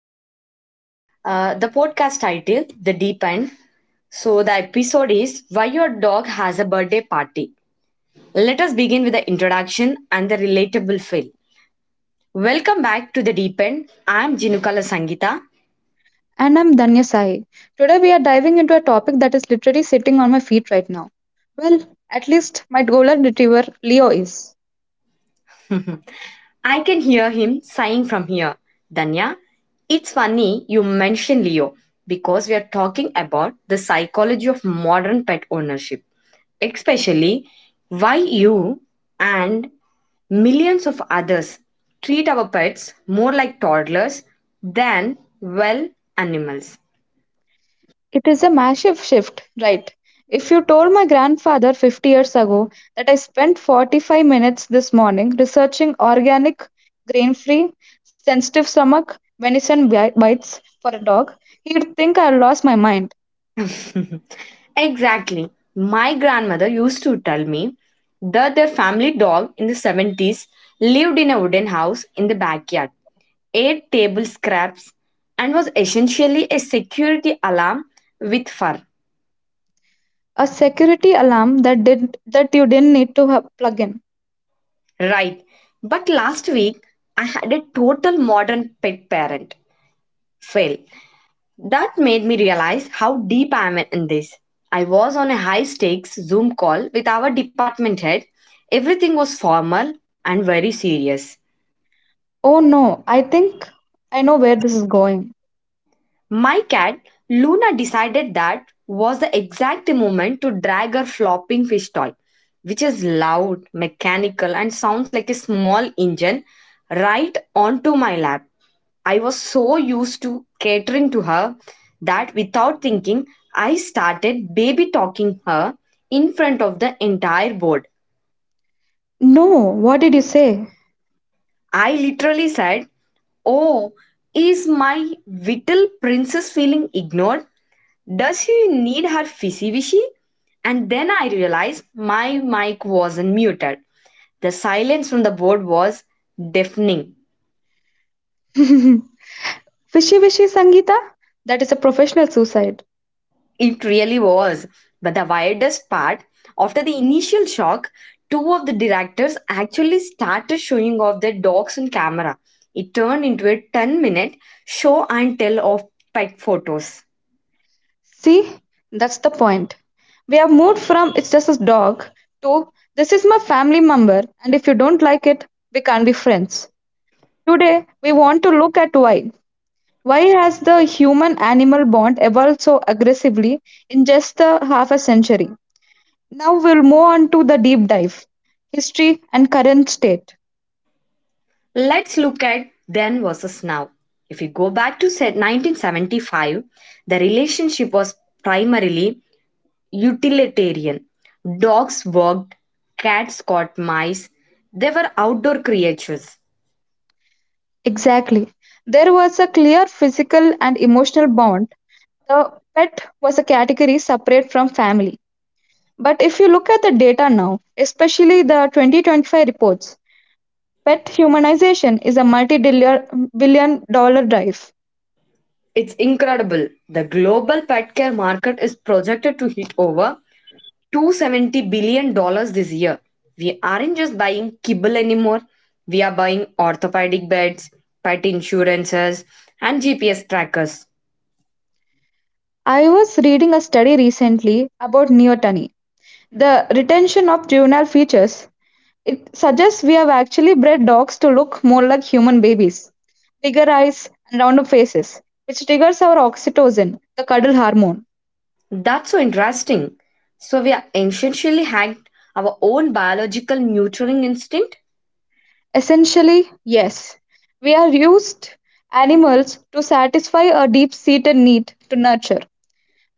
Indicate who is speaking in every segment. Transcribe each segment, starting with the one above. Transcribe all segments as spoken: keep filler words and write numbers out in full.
Speaker 1: all. Uh, the podcast title, The Deep End. So, the episode is Why Your Dog Has a Birthday Party. Let us begin with the introduction and the relatable feel. Welcome back to The Deep End. I'm Jinukala Sangita.
Speaker 2: And I'm Danya Sahi. Today we are diving into a topic that is literally sitting on my feet right now. Well, at least my golden retriever Leo is.
Speaker 1: I can hear him sighing from here. Danya, it's funny you mention Leo because we are talking about the psychology of modern pet ownership, especially why you and millions of others treat our pets more like toddlers than, well, animals.
Speaker 2: It is a massive shift, right? If you told my grandfather fifty years ago that I spent forty-five minutes this morning researching organic, grain free, sensitive stomach, venison bi- bites for a dog, he'd think I lost my mind.
Speaker 1: Exactly. My grandmother used to tell me that their family dog in the seventies lived in a wooden house in the backyard, ate table scraps, and was essentially a security alarm with fur.
Speaker 2: A security alarm that, did, that you didn't need to ha- plug in.
Speaker 1: Right. But last week, I had a total modern pet parent fail that made me realize how deep I am in this. I was on a high stakes Zoom call with our department head. Everything was formal and very serious.
Speaker 2: Oh no, I think I know where this is going.
Speaker 1: My cat, Luna, decided that was the exact moment to drag her flopping fish toy, which is loud, mechanical, and sounds like a small engine, right onto my lap. I was so used to catering to her that without thinking, I started baby talking her in front of the entire board.
Speaker 2: No, what did you say?
Speaker 1: I literally said, "Oh, is my little princess feeling ignored? Does she need her fishy wishy?" And then I realized my mic wasn't muted. The silence from the board was deafening.
Speaker 2: Fishy wishy Sangita? That is a professional suicide.
Speaker 1: It really was. But the weirdest part, after the initial shock, two of the directors actually started showing off their dogs on camera. It turned into a ten minute show and tell of pet photos.
Speaker 2: See, that's the point. We have moved from it's just a dog to this is my family member, and if you don't like it, we can't be friends. Today, we want to look at why. Why has the human animal bond evolved so aggressively in just a half a century? Now we'll move on to the deep dive history and current state.
Speaker 1: Let's look at then versus now. If you go back to se- nineteen seventy-five, the relationship was primarily utilitarian. Dogs worked, cats caught mice, they were outdoor creatures.
Speaker 2: Exactly. There was a clear physical and emotional bond. The pet was a category separate from family. But if you look at the data now, especially the twenty twenty-five reports, pet humanization is a multi billion dollar drive.
Speaker 1: It's incredible. The global pet care market is projected to hit over $270 billion dollars this year. We aren't just buying kibble anymore, we are buying orthopedic beds, pet insurances, and G P S trackers.
Speaker 2: I was reading a study recently about neoteny, the retention of juvenile features. It suggests we have actually bred dogs to look more like human babies, bigger eyes and rounder faces, which triggers our oxytocin, the cuddle hormone.
Speaker 1: That's so interesting. So, we are essentially hacked our own biological nurturing instinct?
Speaker 2: Essentially, yes, we have used animals to satisfy a deep seated need to nurture.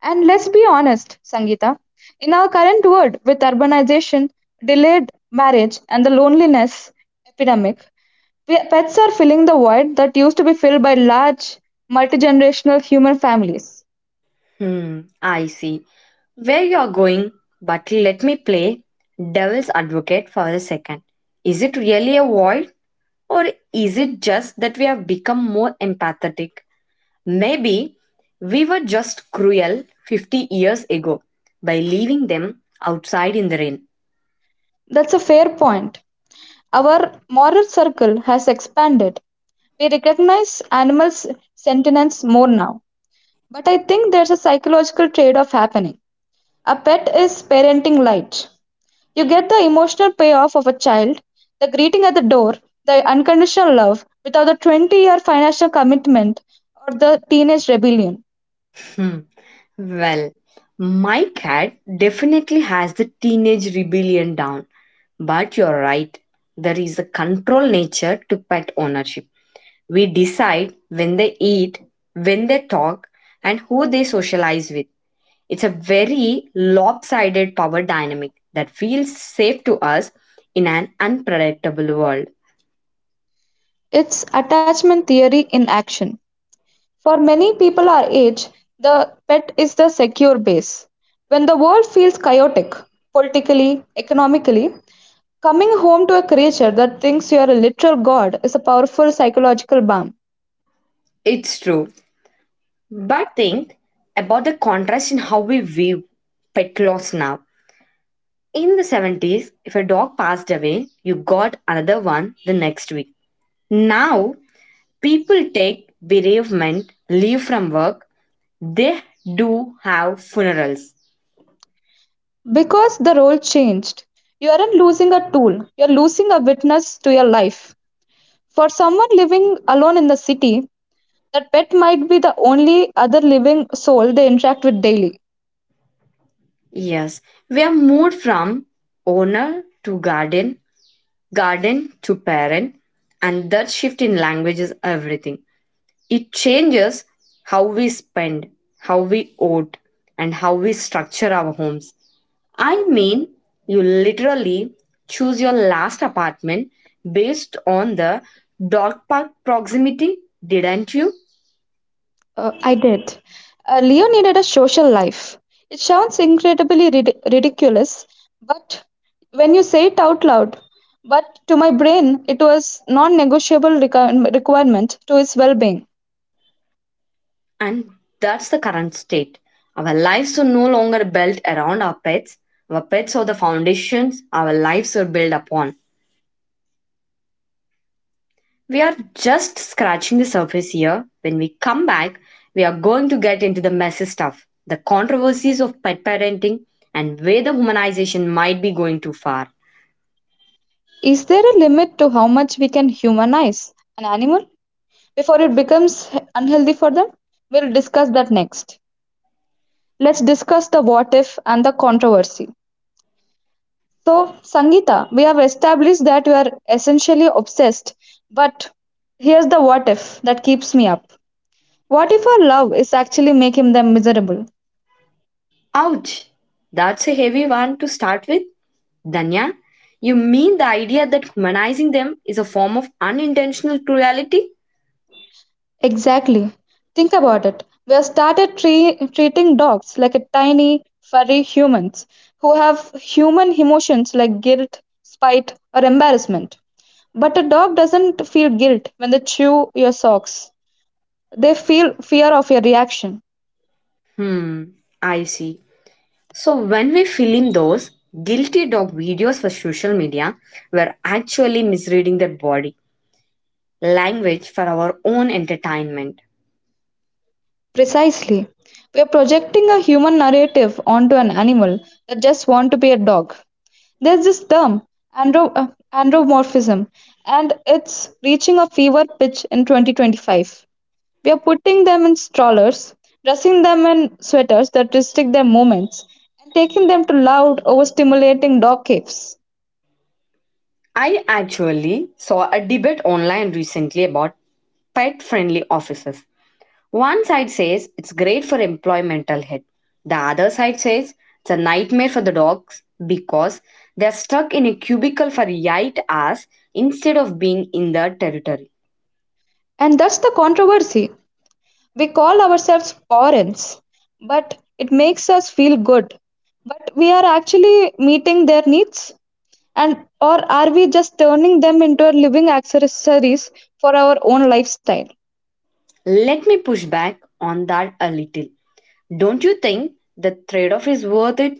Speaker 2: And let's be honest, Sangeeta, in our current world with urbanization, delayed marriage, and the loneliness epidemic, we- pets are filling the void that used to be filled by large multi generational human families.
Speaker 1: Hmm, I see where you're going, but let me play devil's advocate for a second. Is it really a void? Or is it just that we have become more empathetic? Maybe we were just cruel fifty years ago by leaving them outside in the rain.
Speaker 2: That's a fair point. Our moral circle has expanded. We recognize animals' sentience more now. But I think there's a psychological trade off happening. A pet is parenting light. You get the emotional payoff of a child, the greeting at the door, the unconditional love without the twenty year financial commitment or the teenage rebellion.
Speaker 1: Hmm. Well, my cat definitely has the teenage rebellion down, but you're right. There is a control nature to pet ownership. We decide when they eat, when they talk, and who they socialize with. It's a very lopsided power dynamic that feels safe to us in an unpredictable world.
Speaker 2: It's attachment theory in action. For many people our age, the pet is the secure base. When the world feels chaotic, politically, economically, coming home to a creature that thinks you are a literal god is a powerful psychological balm.
Speaker 1: It's true. But think about the contrast in how we view pet loss now. In the seventies, if a dog passed away, you got another one the next week. Now, people take bereavement, leave from work, they do have funerals.
Speaker 2: Because the role changed, you aren't losing a tool, you're losing a witness to your life. For someone living alone in the city, that pet might be the only other living soul they interact with daily.
Speaker 1: Yes, we have moved from owner to guardian, garden to parent, and that shift in language is everything. It changes how we spend, how we vote, and how we structure our homes. I mean, you literally choose your last apartment based on the dog park proximity, didn't you?
Speaker 2: Uh, I did. Uh, Leo needed a social life. It sounds incredibly rid- ridiculous, but when you say it out loud, but to my brain, it was non-negotiable requir- requirement to its well-being.
Speaker 1: And that's the current state. Our lives are no longer built around our pets, our pets are the foundations our lives are built upon. We are just scratching the surface here. When we come back, we are going to get into the messy stuff, the controversies of pet parenting, and where the humanization might be going too far.
Speaker 2: Is there a limit to how much we can humanize an animal before it becomes unhealthy for them? We'll discuss that next. Let's discuss the what if and the controversy. So, Sangeeta, we have established that you are essentially obsessed, but here's the what if that keeps me up. What if our love is actually making them miserable?
Speaker 1: Ouch! That's a heavy one to start with. Danya, you mean the idea that humanizing them is a form of unintentional cruelty?
Speaker 2: Exactly. Think about it. We have started tre- treating dogs like a tiny, furry humans who have human emotions like guilt, spite, or embarrassment. But a dog doesn't feel guilt when they chew your socks. They feel fear of your reaction.
Speaker 1: Hmm, I see. So when we film those guilty dog videos for social media, we're actually misreading their body language for our own entertainment.
Speaker 2: Precisely. We are projecting a human narrative onto an animal that just want to be a dog. There's this term, andro- uh, andromorphism, and it's reaching a fever pitch in twenty twenty-five. We are putting them in strollers, dressing them in sweaters that restrict their movements, and taking them to loud, overstimulating dog caves.
Speaker 1: I actually saw a debate online recently about pet friendly offices. One side says it's great for employmental health, the other side says it's a nightmare for the dogs because they're stuck in a cubicle for eight hours instead of being in their territory.
Speaker 2: And that's the controversy. We call ourselves foreigners, but it makes us feel good. But we are actually meeting their needs and or are we just turning them into living accessories for our own lifestyle?
Speaker 1: Let me push back on that a little. Don't you think the trade off is worth it?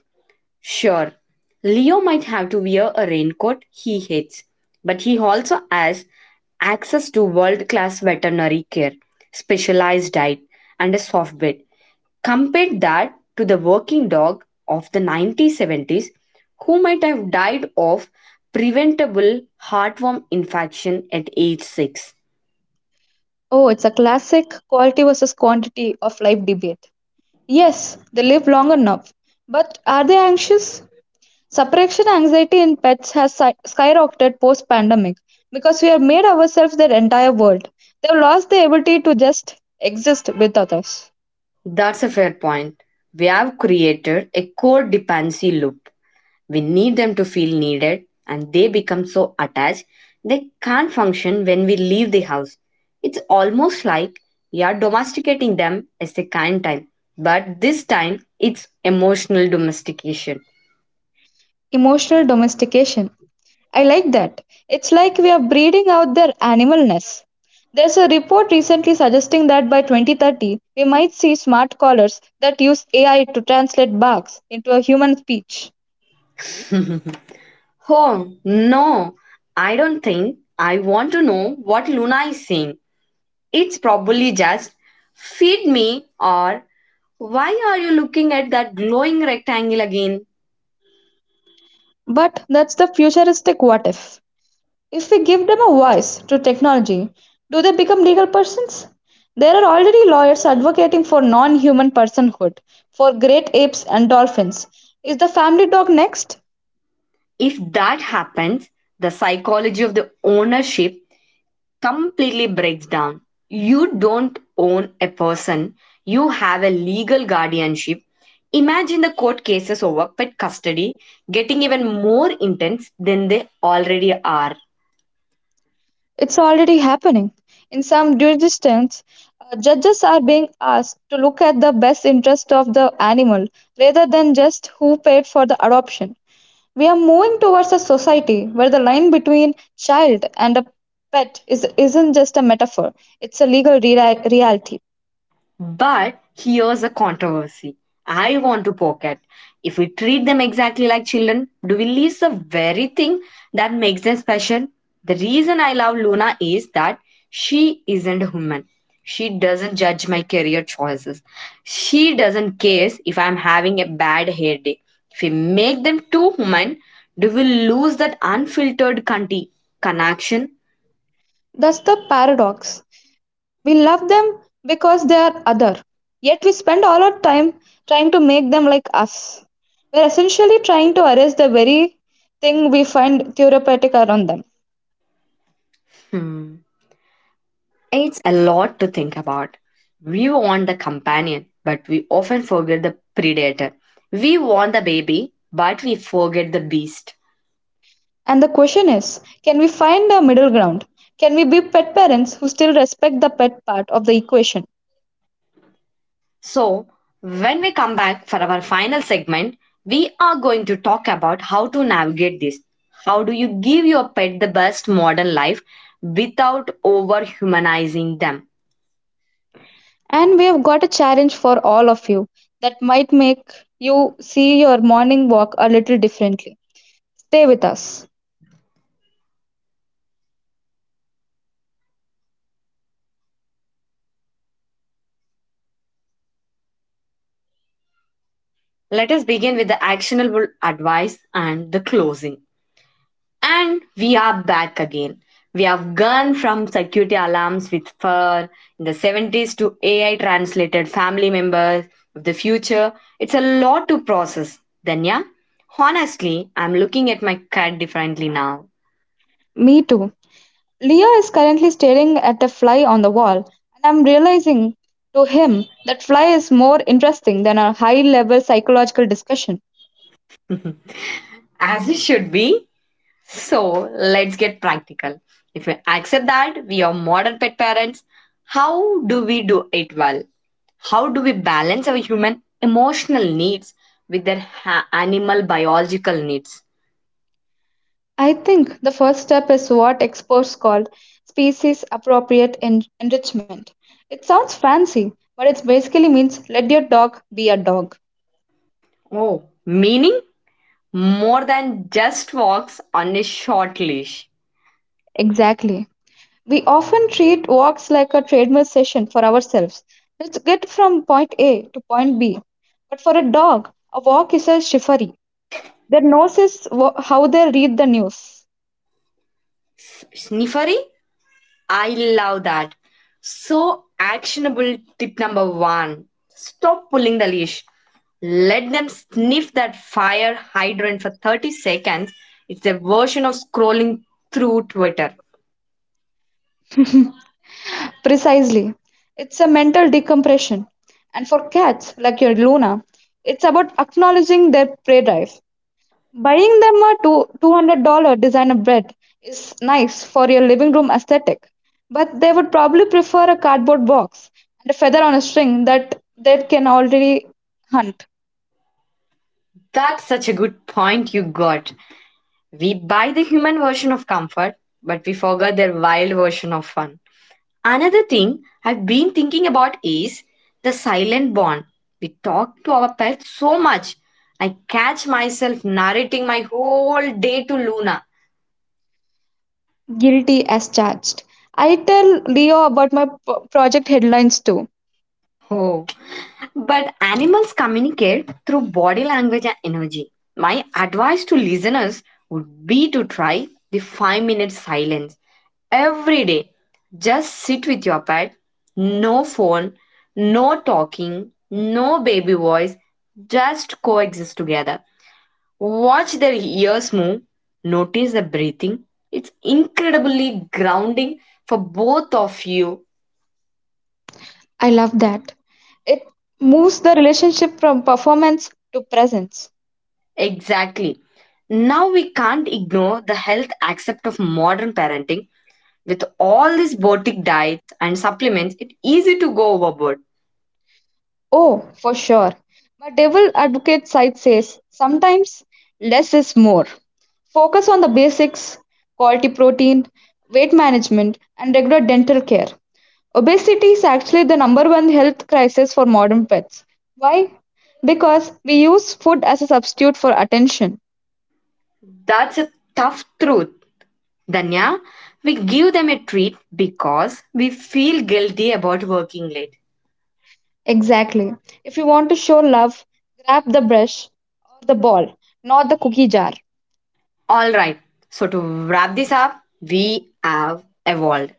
Speaker 1: Sure, Leo might have to wear a raincoat he hates, but he also has access to world class veterinary care, specialized diet, and a soft bed. Compare that to the working dog of the nineteen seventies who might have died of preventable heartworm infection at age six.
Speaker 2: Oh, it's a classic quality versus quantity of life debate. Yes, they live long enough, but are they anxious? Separation anxiety in pets has si- skyrocketed post pandemic because we have made ourselves their entire world. They've lost the ability to just exist without us.
Speaker 1: That's a fair point. We have created a codependency loop. We need them to feel needed, and they become so attached they can't function when we leave the house. It's almost like we are domesticating them as a kind time, but this time it's emotional domestication.
Speaker 2: Emotional domestication. I like that. It's like we are breeding out their animalness. There's a report recently suggesting that by twenty thirty, we might see smart collars that use A I to translate barks into a human speech.
Speaker 1: Oh no, I don't think I want to know what Luna is saying. It's probably just feed me or why are you looking at that glowing rectangle again?
Speaker 2: But that's the futuristic what if. If we give them a voice to technology, do they become legal persons? There are already lawyers advocating for non human personhood for great apes and dolphins. Is the family dog next?
Speaker 1: If that happens, the psychology of the ownership completely breaks down. You don't own a person, you have a legal guardianship. Imagine the court cases over pet custody getting even more intense than they already are.
Speaker 2: It's already happening. In some jurisdictions, uh, judges are being asked to look at the best interest of the animal rather than just who paid for the adoption. We are moving towards a society where the line between child and a pet is, isn't just a metaphor, it's a legal rea- reality.
Speaker 1: But here's a controversy I want to poke at. If we treat them exactly like children, do we lose the very thing that makes them special? The reason I love Luna is that she isn't human. She doesn't judge my career choices. She doesn't care if I'm having a bad hair day. If we make them too human, do we lose that unfiltered conti- connection?
Speaker 2: That's the paradox. We love them because they are other, yet we spend all our time trying to make them like us. We're essentially trying to arrest the very thing we find therapeutic around them.
Speaker 1: Hmm. It's a lot to think about. We want the companion, but we often forget the predator. We want the baby, but we forget the beast.
Speaker 2: And the question is, can we find a middle ground? Can we be pet parents who still respect the pet part of the equation?
Speaker 1: So, when we come back for our final segment, we are going to talk about how to navigate this. How do you give your pet the best modern life without over humanizing them?
Speaker 2: And we've got a challenge for all of you that might make you see your morning walk a little differently. Stay with us.
Speaker 1: Let us begin with the actionable advice and the closing. And we are back again. We have gone from security alarms with fur in the seventies to A I translated family members of the future. It's a lot to process, Danya. Honestly, I'm looking at my cat differently now.
Speaker 2: Me too. Leah is currently staring at a fly on the wall, and I'm realizing to him that fly is more interesting than a high level psychological discussion.
Speaker 1: As it should be. So let's get practical. If we accept that we are modern pet parents, how do we do it well? How do we balance our human emotional needs with their ha- animal biological needs?
Speaker 2: I think the first step is what experts call species appropriate en- enrichment. It sounds fancy, but it basically means let your dog be a dog.
Speaker 1: Oh, meaning more than just walks on a short leash.
Speaker 2: Exactly. We often treat walks like a treadmill session for ourselves. Let's get from point A to point B. But for a dog, a walk is a chivalry. Their nose is wh- how they read the news.
Speaker 1: S- Sniffery, I love that. So, actionable tip number one, stop pulling the leash. Let them sniff that fire hydrant for thirty seconds. It's a version of scrolling through Twitter.
Speaker 2: Precisely. It's a mental decompression. And for cats, like your Luna, it's about acknowledging their prey drive. Buying them a two $200 designer bread is nice for your living room aesthetic, but they would probably prefer a cardboard box and a feather on a string that they can already hunt.
Speaker 1: That's such a good point you got. We buy the human version of comfort, but we forget their wild version of fun. Another thing I've been thinking about is the silent bond. We talk to our pets so much. I catch myself narrating my whole day to Luna.
Speaker 2: Guilty as charged. I tell Leo about my p- project headlines too.
Speaker 1: Oh, but animals communicate through body language and energy. My advice to listeners would be to try the five minute silence every day. Just sit with your pet. No phone, no talking, no baby voice. Just coexist together. Watch their ears move. Notice the breathing. It's incredibly grounding for both of you.
Speaker 2: I love that. It moves the relationship from performance to presence.
Speaker 1: Exactly. Now we can't ignore the health aspect of modern parenting. With all these boutique diets and supplements, it's easy to go overboard.
Speaker 2: Oh, for sure. My devil advocate side says sometimes less is more. Focus on the basics, quality protein, weight management, and regular dental care. Obesity is actually the number one health crisis for modern pets. Why? Because we use food as a substitute for attention.
Speaker 1: That's a tough truth, Danya, we give them a treat because we feel guilty about working late.
Speaker 2: Exactly. If you want to show love, grab the brush or the ball, not the cookie jar.
Speaker 1: All right, so to wrap this up, we have evolved.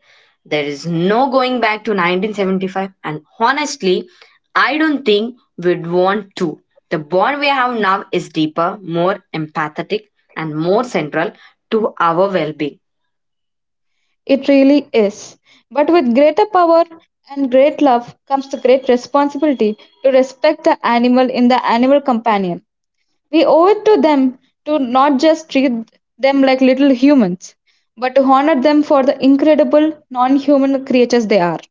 Speaker 1: There is no going back to nineteen seventy-five, and honestly, I don't think we'd want to. The bond we have now is deeper, more empathetic, and more central to our well being.
Speaker 2: It really is. But with greater power and great love comes the great responsibility to respect the animal in the animal companion. We owe it to them to not just treat them like little humans, but to honor them for the incredible non human creatures they are.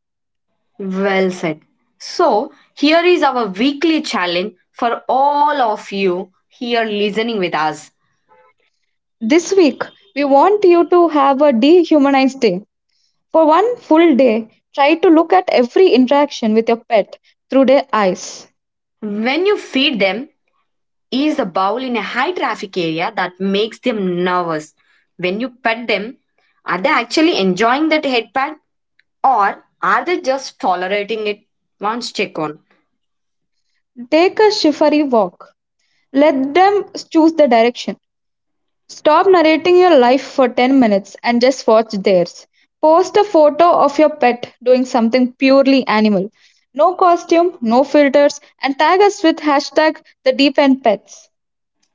Speaker 1: Well said. So, here is our weekly challenge for all of you here listening with us.
Speaker 2: This week, we want you to have a dehumanized day. For one full day, try to look at every interaction with your pet through their eyes.
Speaker 1: When you feed them, ease the bowl in a high traffic area that makes them nervous. When you pet them, are they actually enjoying that head pat or are they just tolerating it? Once check on.
Speaker 2: Take a shivery walk. Let them choose the direction. Stop narrating your life for ten minutes and just watch theirs. Post a photo of your pet doing something purely animal. No costume, no filters, and tag us with hashtag the deep end pets.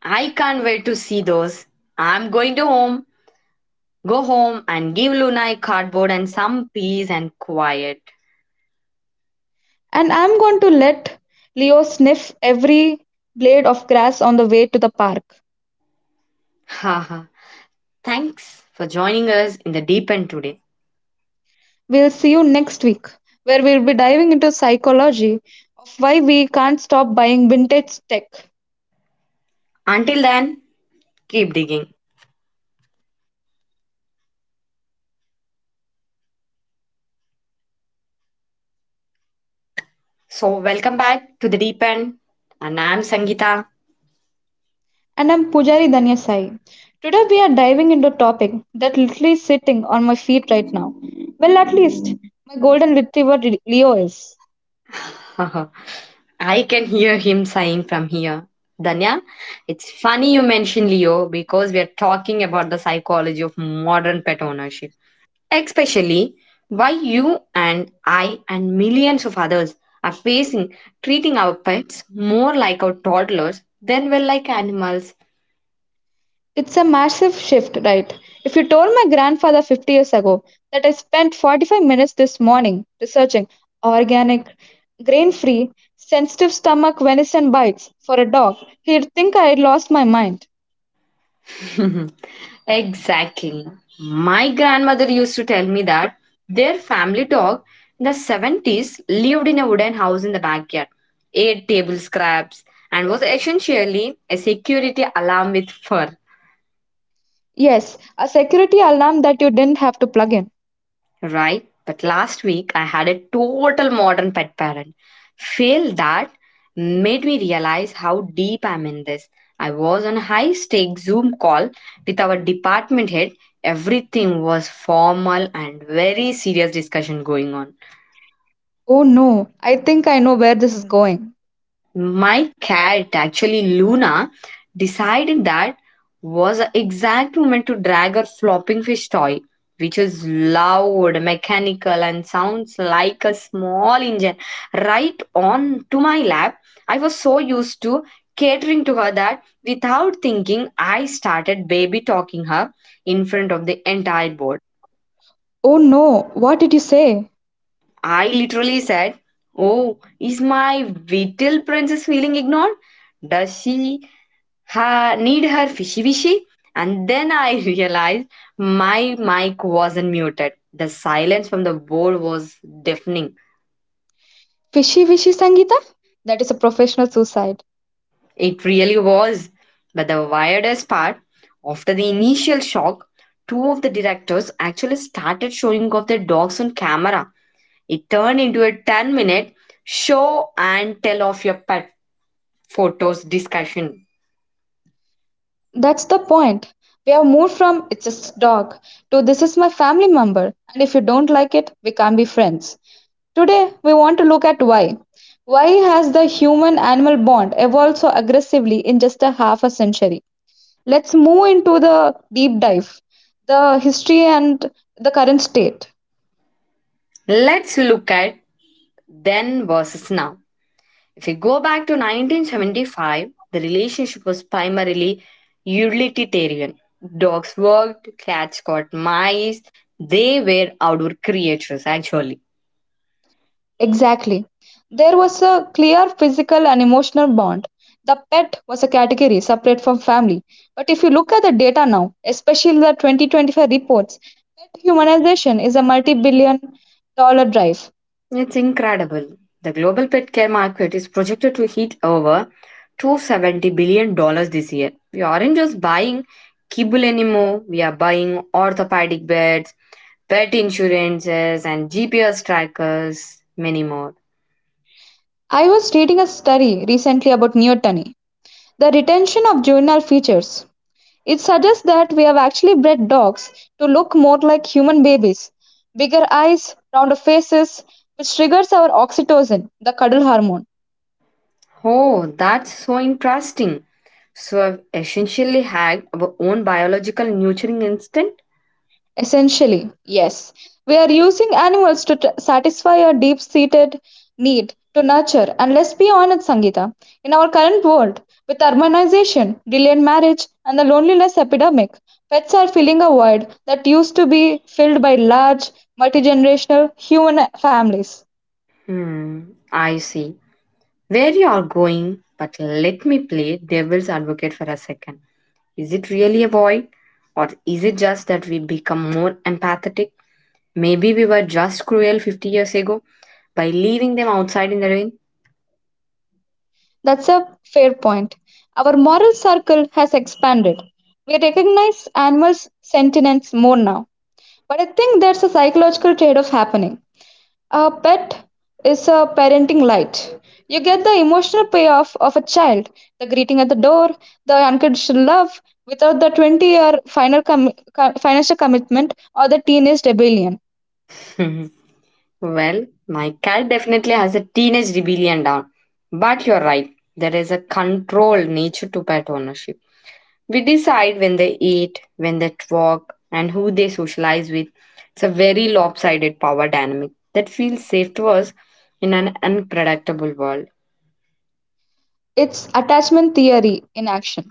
Speaker 1: I can't wait to see those. I'm going to home, go home and give Luna a cardboard and some peace and quiet.
Speaker 2: And I'm going to let Leo sniff every blade of grass on the way to the park.
Speaker 1: Haha. Thanks for joining us in the deep end today.
Speaker 2: We'll see you next week, where we'll be diving into psychology of why we can't stop buying vintage tech.
Speaker 1: Until then, keep digging. So, welcome back to the deep end, and I'm Sangeeta.
Speaker 2: And I'm Pujari Danya Sai. Today we are diving into a topic that literally sitting on my feet right now. Well, at least my golden retriever Re- Leo is.
Speaker 1: I can hear him sighing from here. Danya, it's funny you mention Leo because we are talking about the psychology of modern pet ownership, especially why you and I and millions of others are facing treating our pets more like our toddlers than, well, like animals.
Speaker 2: It's a massive shift, right? If you told my grandfather fifty years ago that I spent forty-five minutes this morning researching organic, grain free, sensitive stomach venison bites for a dog, he'd think I had lost my mind.
Speaker 1: Exactly. My grandmother used to tell me that their family dog in the seventies lived in a wooden house in the backyard, ate table scraps, and was essentially a security alarm with fur.
Speaker 2: Yes, a security alarm that you didn't have to plug in.
Speaker 1: Right? But last week I had a total modern pet parent fail that made me realize how deep I'm in this. I was on a high stake Zoom call with our department head. Everything was formal and very serious discussion going on.
Speaker 2: Oh no, I think I know where this is going.
Speaker 1: My cat, actually Luna, decided that was the exact moment to drag her flopping fish toy, which is loud, mechanical, and sounds like a small engine, right on to my lap. I was so used to catering to her that without thinking, I started baby talking her in front of the entire board.
Speaker 2: Oh no, what did you say?
Speaker 1: I literally said, "Oh, is my little princess feeling ignored? Does she her, need her fishy wishy." And then I realized my mic wasn't muted. The silence from the board was deafening.
Speaker 2: Fishy wishy Sangita? That is a professional suicide.
Speaker 1: It really was. But the weirdest part, after the initial shock, two of the directors actually started showing off their dogs on camera. It turned into a ten minute show and tell of your pet photos discussion.
Speaker 2: That's the point. We have moved from it's a dog to this is my family member, and if you don't like it, we can't be friends. Today, we want to look at why. Why has the human animal bond evolved so aggressively in just a half a century? Let's move into the deep dive, the history and the current state.
Speaker 1: Let's look at then versus now. If you go back to nineteen seventy-five, the relationship was primarily utilitarian. Dogs worked, cats caught mice, they were outdoor creatures actually.
Speaker 2: Exactly. There was a clear physical and emotional bond. The pet was a category separate from family. But if you look at the data now, especially the twenty twenty-five reports, pet humanization is a multi billion dollar drive.
Speaker 1: It's incredible. The global pet care market is projected to hit over $270 billion dollars this year. We aren't just buying kibble anymore, we are buying orthopedic beds, pet insurances, and G P S trackers, many more.
Speaker 2: I was reading a study recently about neoteny, the retention of juvenile features. It suggests that we have actually bred dogs to look more like human babies, bigger eyes, rounder faces, which triggers our oxytocin, the cuddle hormone.
Speaker 1: Oh, that's so interesting. So I've essentially hacked our own biological nurturing instinct?
Speaker 2: Essentially, yes. We are using animals to t- satisfy a deep seated need to nurture. And let's be honest, Sangeeta, in our current world, with urbanization, delayed marriage, and the loneliness epidemic, pets are filling a void that used to be filled by large, multi generational human families.
Speaker 1: Hmm, I see. Where you are going, but let me play devil's advocate for a second. Is it really a void? Or is it just that we become more empathetic? Maybe we were just cruel fifty years ago by leaving them outside in the rain?
Speaker 2: That's a fair point. Our moral circle has expanded. We recognize animals' sentience more now. But I think there's a psychological trade off happening. A pet is a parenting light. You get the emotional payoff of a child, the greeting at the door, the unconditional love, without the twenty year final com- co- financial commitment or the teenage rebellion.
Speaker 1: Well, my cat definitely has a teenage rebellion down. But you're right, there is a controlled nature to pet ownership. We decide when they eat, when they walk, and who they socialize with. It's a very lopsided power dynamic that feels safe to us in an unpredictable world.
Speaker 2: It's attachment theory in action.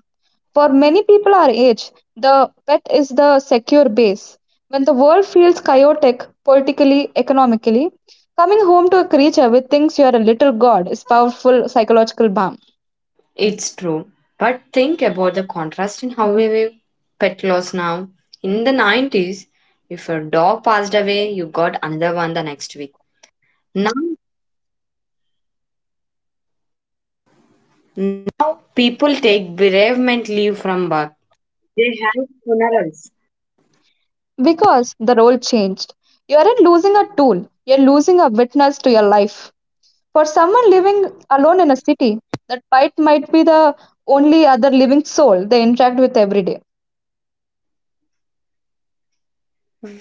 Speaker 2: For many people our age, the pet is the secure base. When the world feels chaotic politically, economically, coming home to a creature with thinks you are a little god is powerful psychological balm.
Speaker 1: It's true. But think about the contrast in how we view pet loss now. In the nineties, if your dog passed away, you got another one the next week. Now Now people take bereavement leave from work. They have funerals.
Speaker 2: Because the role changed. You aren't losing a tool, you're losing a witness to your life. For someone living alone in a city, that pet might be the only other living soul they interact with every day.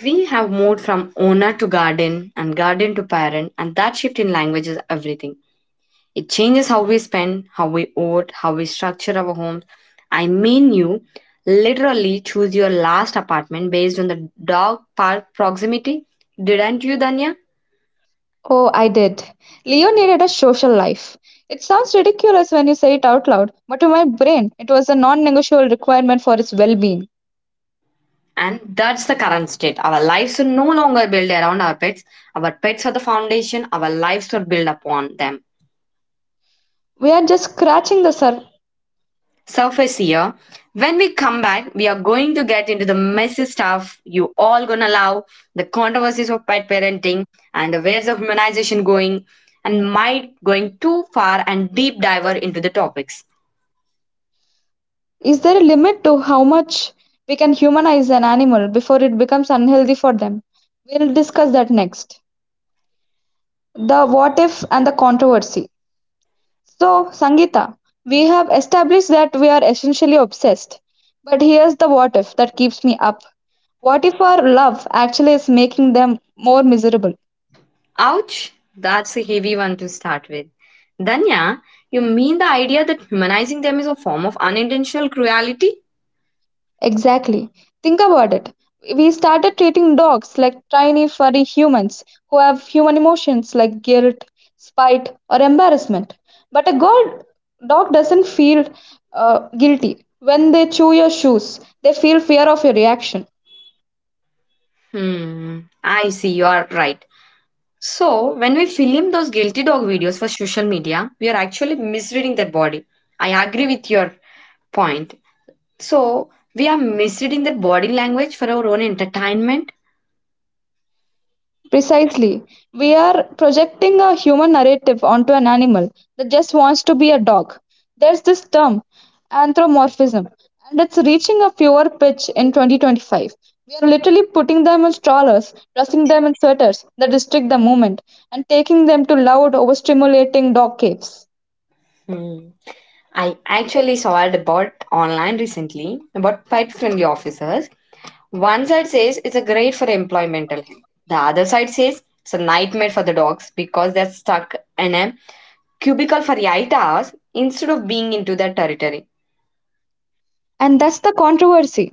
Speaker 1: We have moved from owner to garden and garden to parent, and that shift in language is everything. It changes how we spend, how we vote, how we structure our homes. I mean, you literally choose your last apartment based on the dog park proximity, didn't you, Danya?
Speaker 2: Oh, I did. Leo needed a social life. It sounds ridiculous when you say it out loud, but to my brain, it was a non negotiable requirement for his well being.
Speaker 1: And that's the current state. Our lives are no longer built around our pets. Our pets are the foundation, our lives are built upon them.
Speaker 2: We are just scratching the surface.
Speaker 1: Surface here. When we come back, we are going to get into the messy stuff you all gonna love, the controversies of pet parenting and the waves of humanization going and might going too far and deep diver into the topics.
Speaker 2: Is there a limit to how much we can humanize an animal before it becomes unhealthy for them? We'll discuss that next. The what if and the controversy. So, Sangeeta, we have established that we are essentially obsessed. But here's the what if that keeps me up. What if our love actually is making them more miserable?
Speaker 1: Ouch, that's a heavy one to start with. Danya, you mean the idea that humanizing them is a form of unintentional cruelty?
Speaker 2: Exactly. Think about it. We started treating dogs like tiny, furry humans who have human emotions like guilt, spite, or embarrassment. But a god, dog doesn't feel uh, guilty. When they chew your shoes, they feel fear of your reaction.
Speaker 1: Hmm, I see, you are right. So, when we film those guilty dog videos for social media, we are actually misreading their body. I agree with your point. So, we are misreading their body language for our own entertainment.
Speaker 2: Precisely. We are projecting a human narrative onto an animal that just wants to be a dog. There's this term, anthropomorphism, and it's reaching a fever pitch in twenty twenty-five. We are literally putting them in strollers, dressing them in sweaters that restrict the movement, and taking them to loud, overstimulating dog caves.
Speaker 1: Hmm. I actually saw a about online recently about pet friendly officers. One side says it's a great for employmental health. The other side says it's a nightmare for the dogs because they're stuck in a cubicle for eight hours instead of being into their territory.
Speaker 2: And that's the controversy.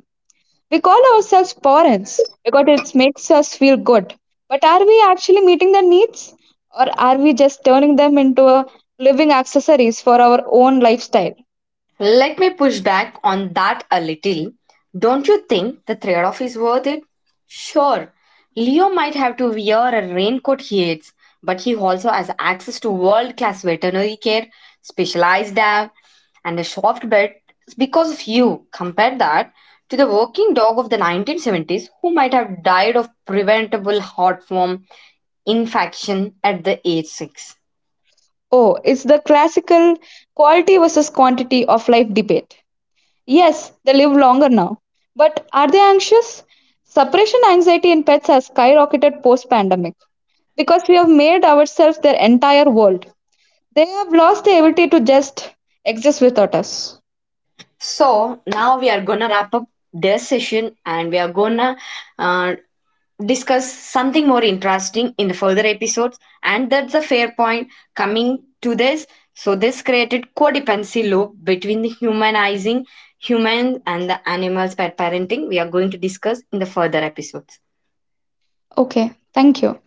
Speaker 2: We call ourselves parents because it makes us feel good. But are we actually meeting their needs? Or are we just turning them into a living accessories for our own lifestyle?
Speaker 1: Let me push back on that a little. Don't you think the trade off is worth it? Sure, Leo might have to wear a raincoat he hates, but he also has access to world class veterinary care, specialized lab, and a soft bed because of you. Compare that to the working dog of the nineteen seventies who might have died of preventable heart form infection at the age six.
Speaker 2: Oh, it's the classical quality versus quantity of life debate. Yes, they live longer now. But are they anxious? Suppression anxiety in pets has skyrocketed post pandemic because we have made ourselves their entire world. They have lost the ability to just exist without us.
Speaker 1: So now we are gonna wrap up this session and we are gonna uh, discuss something more interesting in the further episodes. And that's a fair point coming to this. So this created codependency loop between the humanizing humans and the animals pet parenting. We are going to discuss in the further episodes.
Speaker 2: Okay, thank you.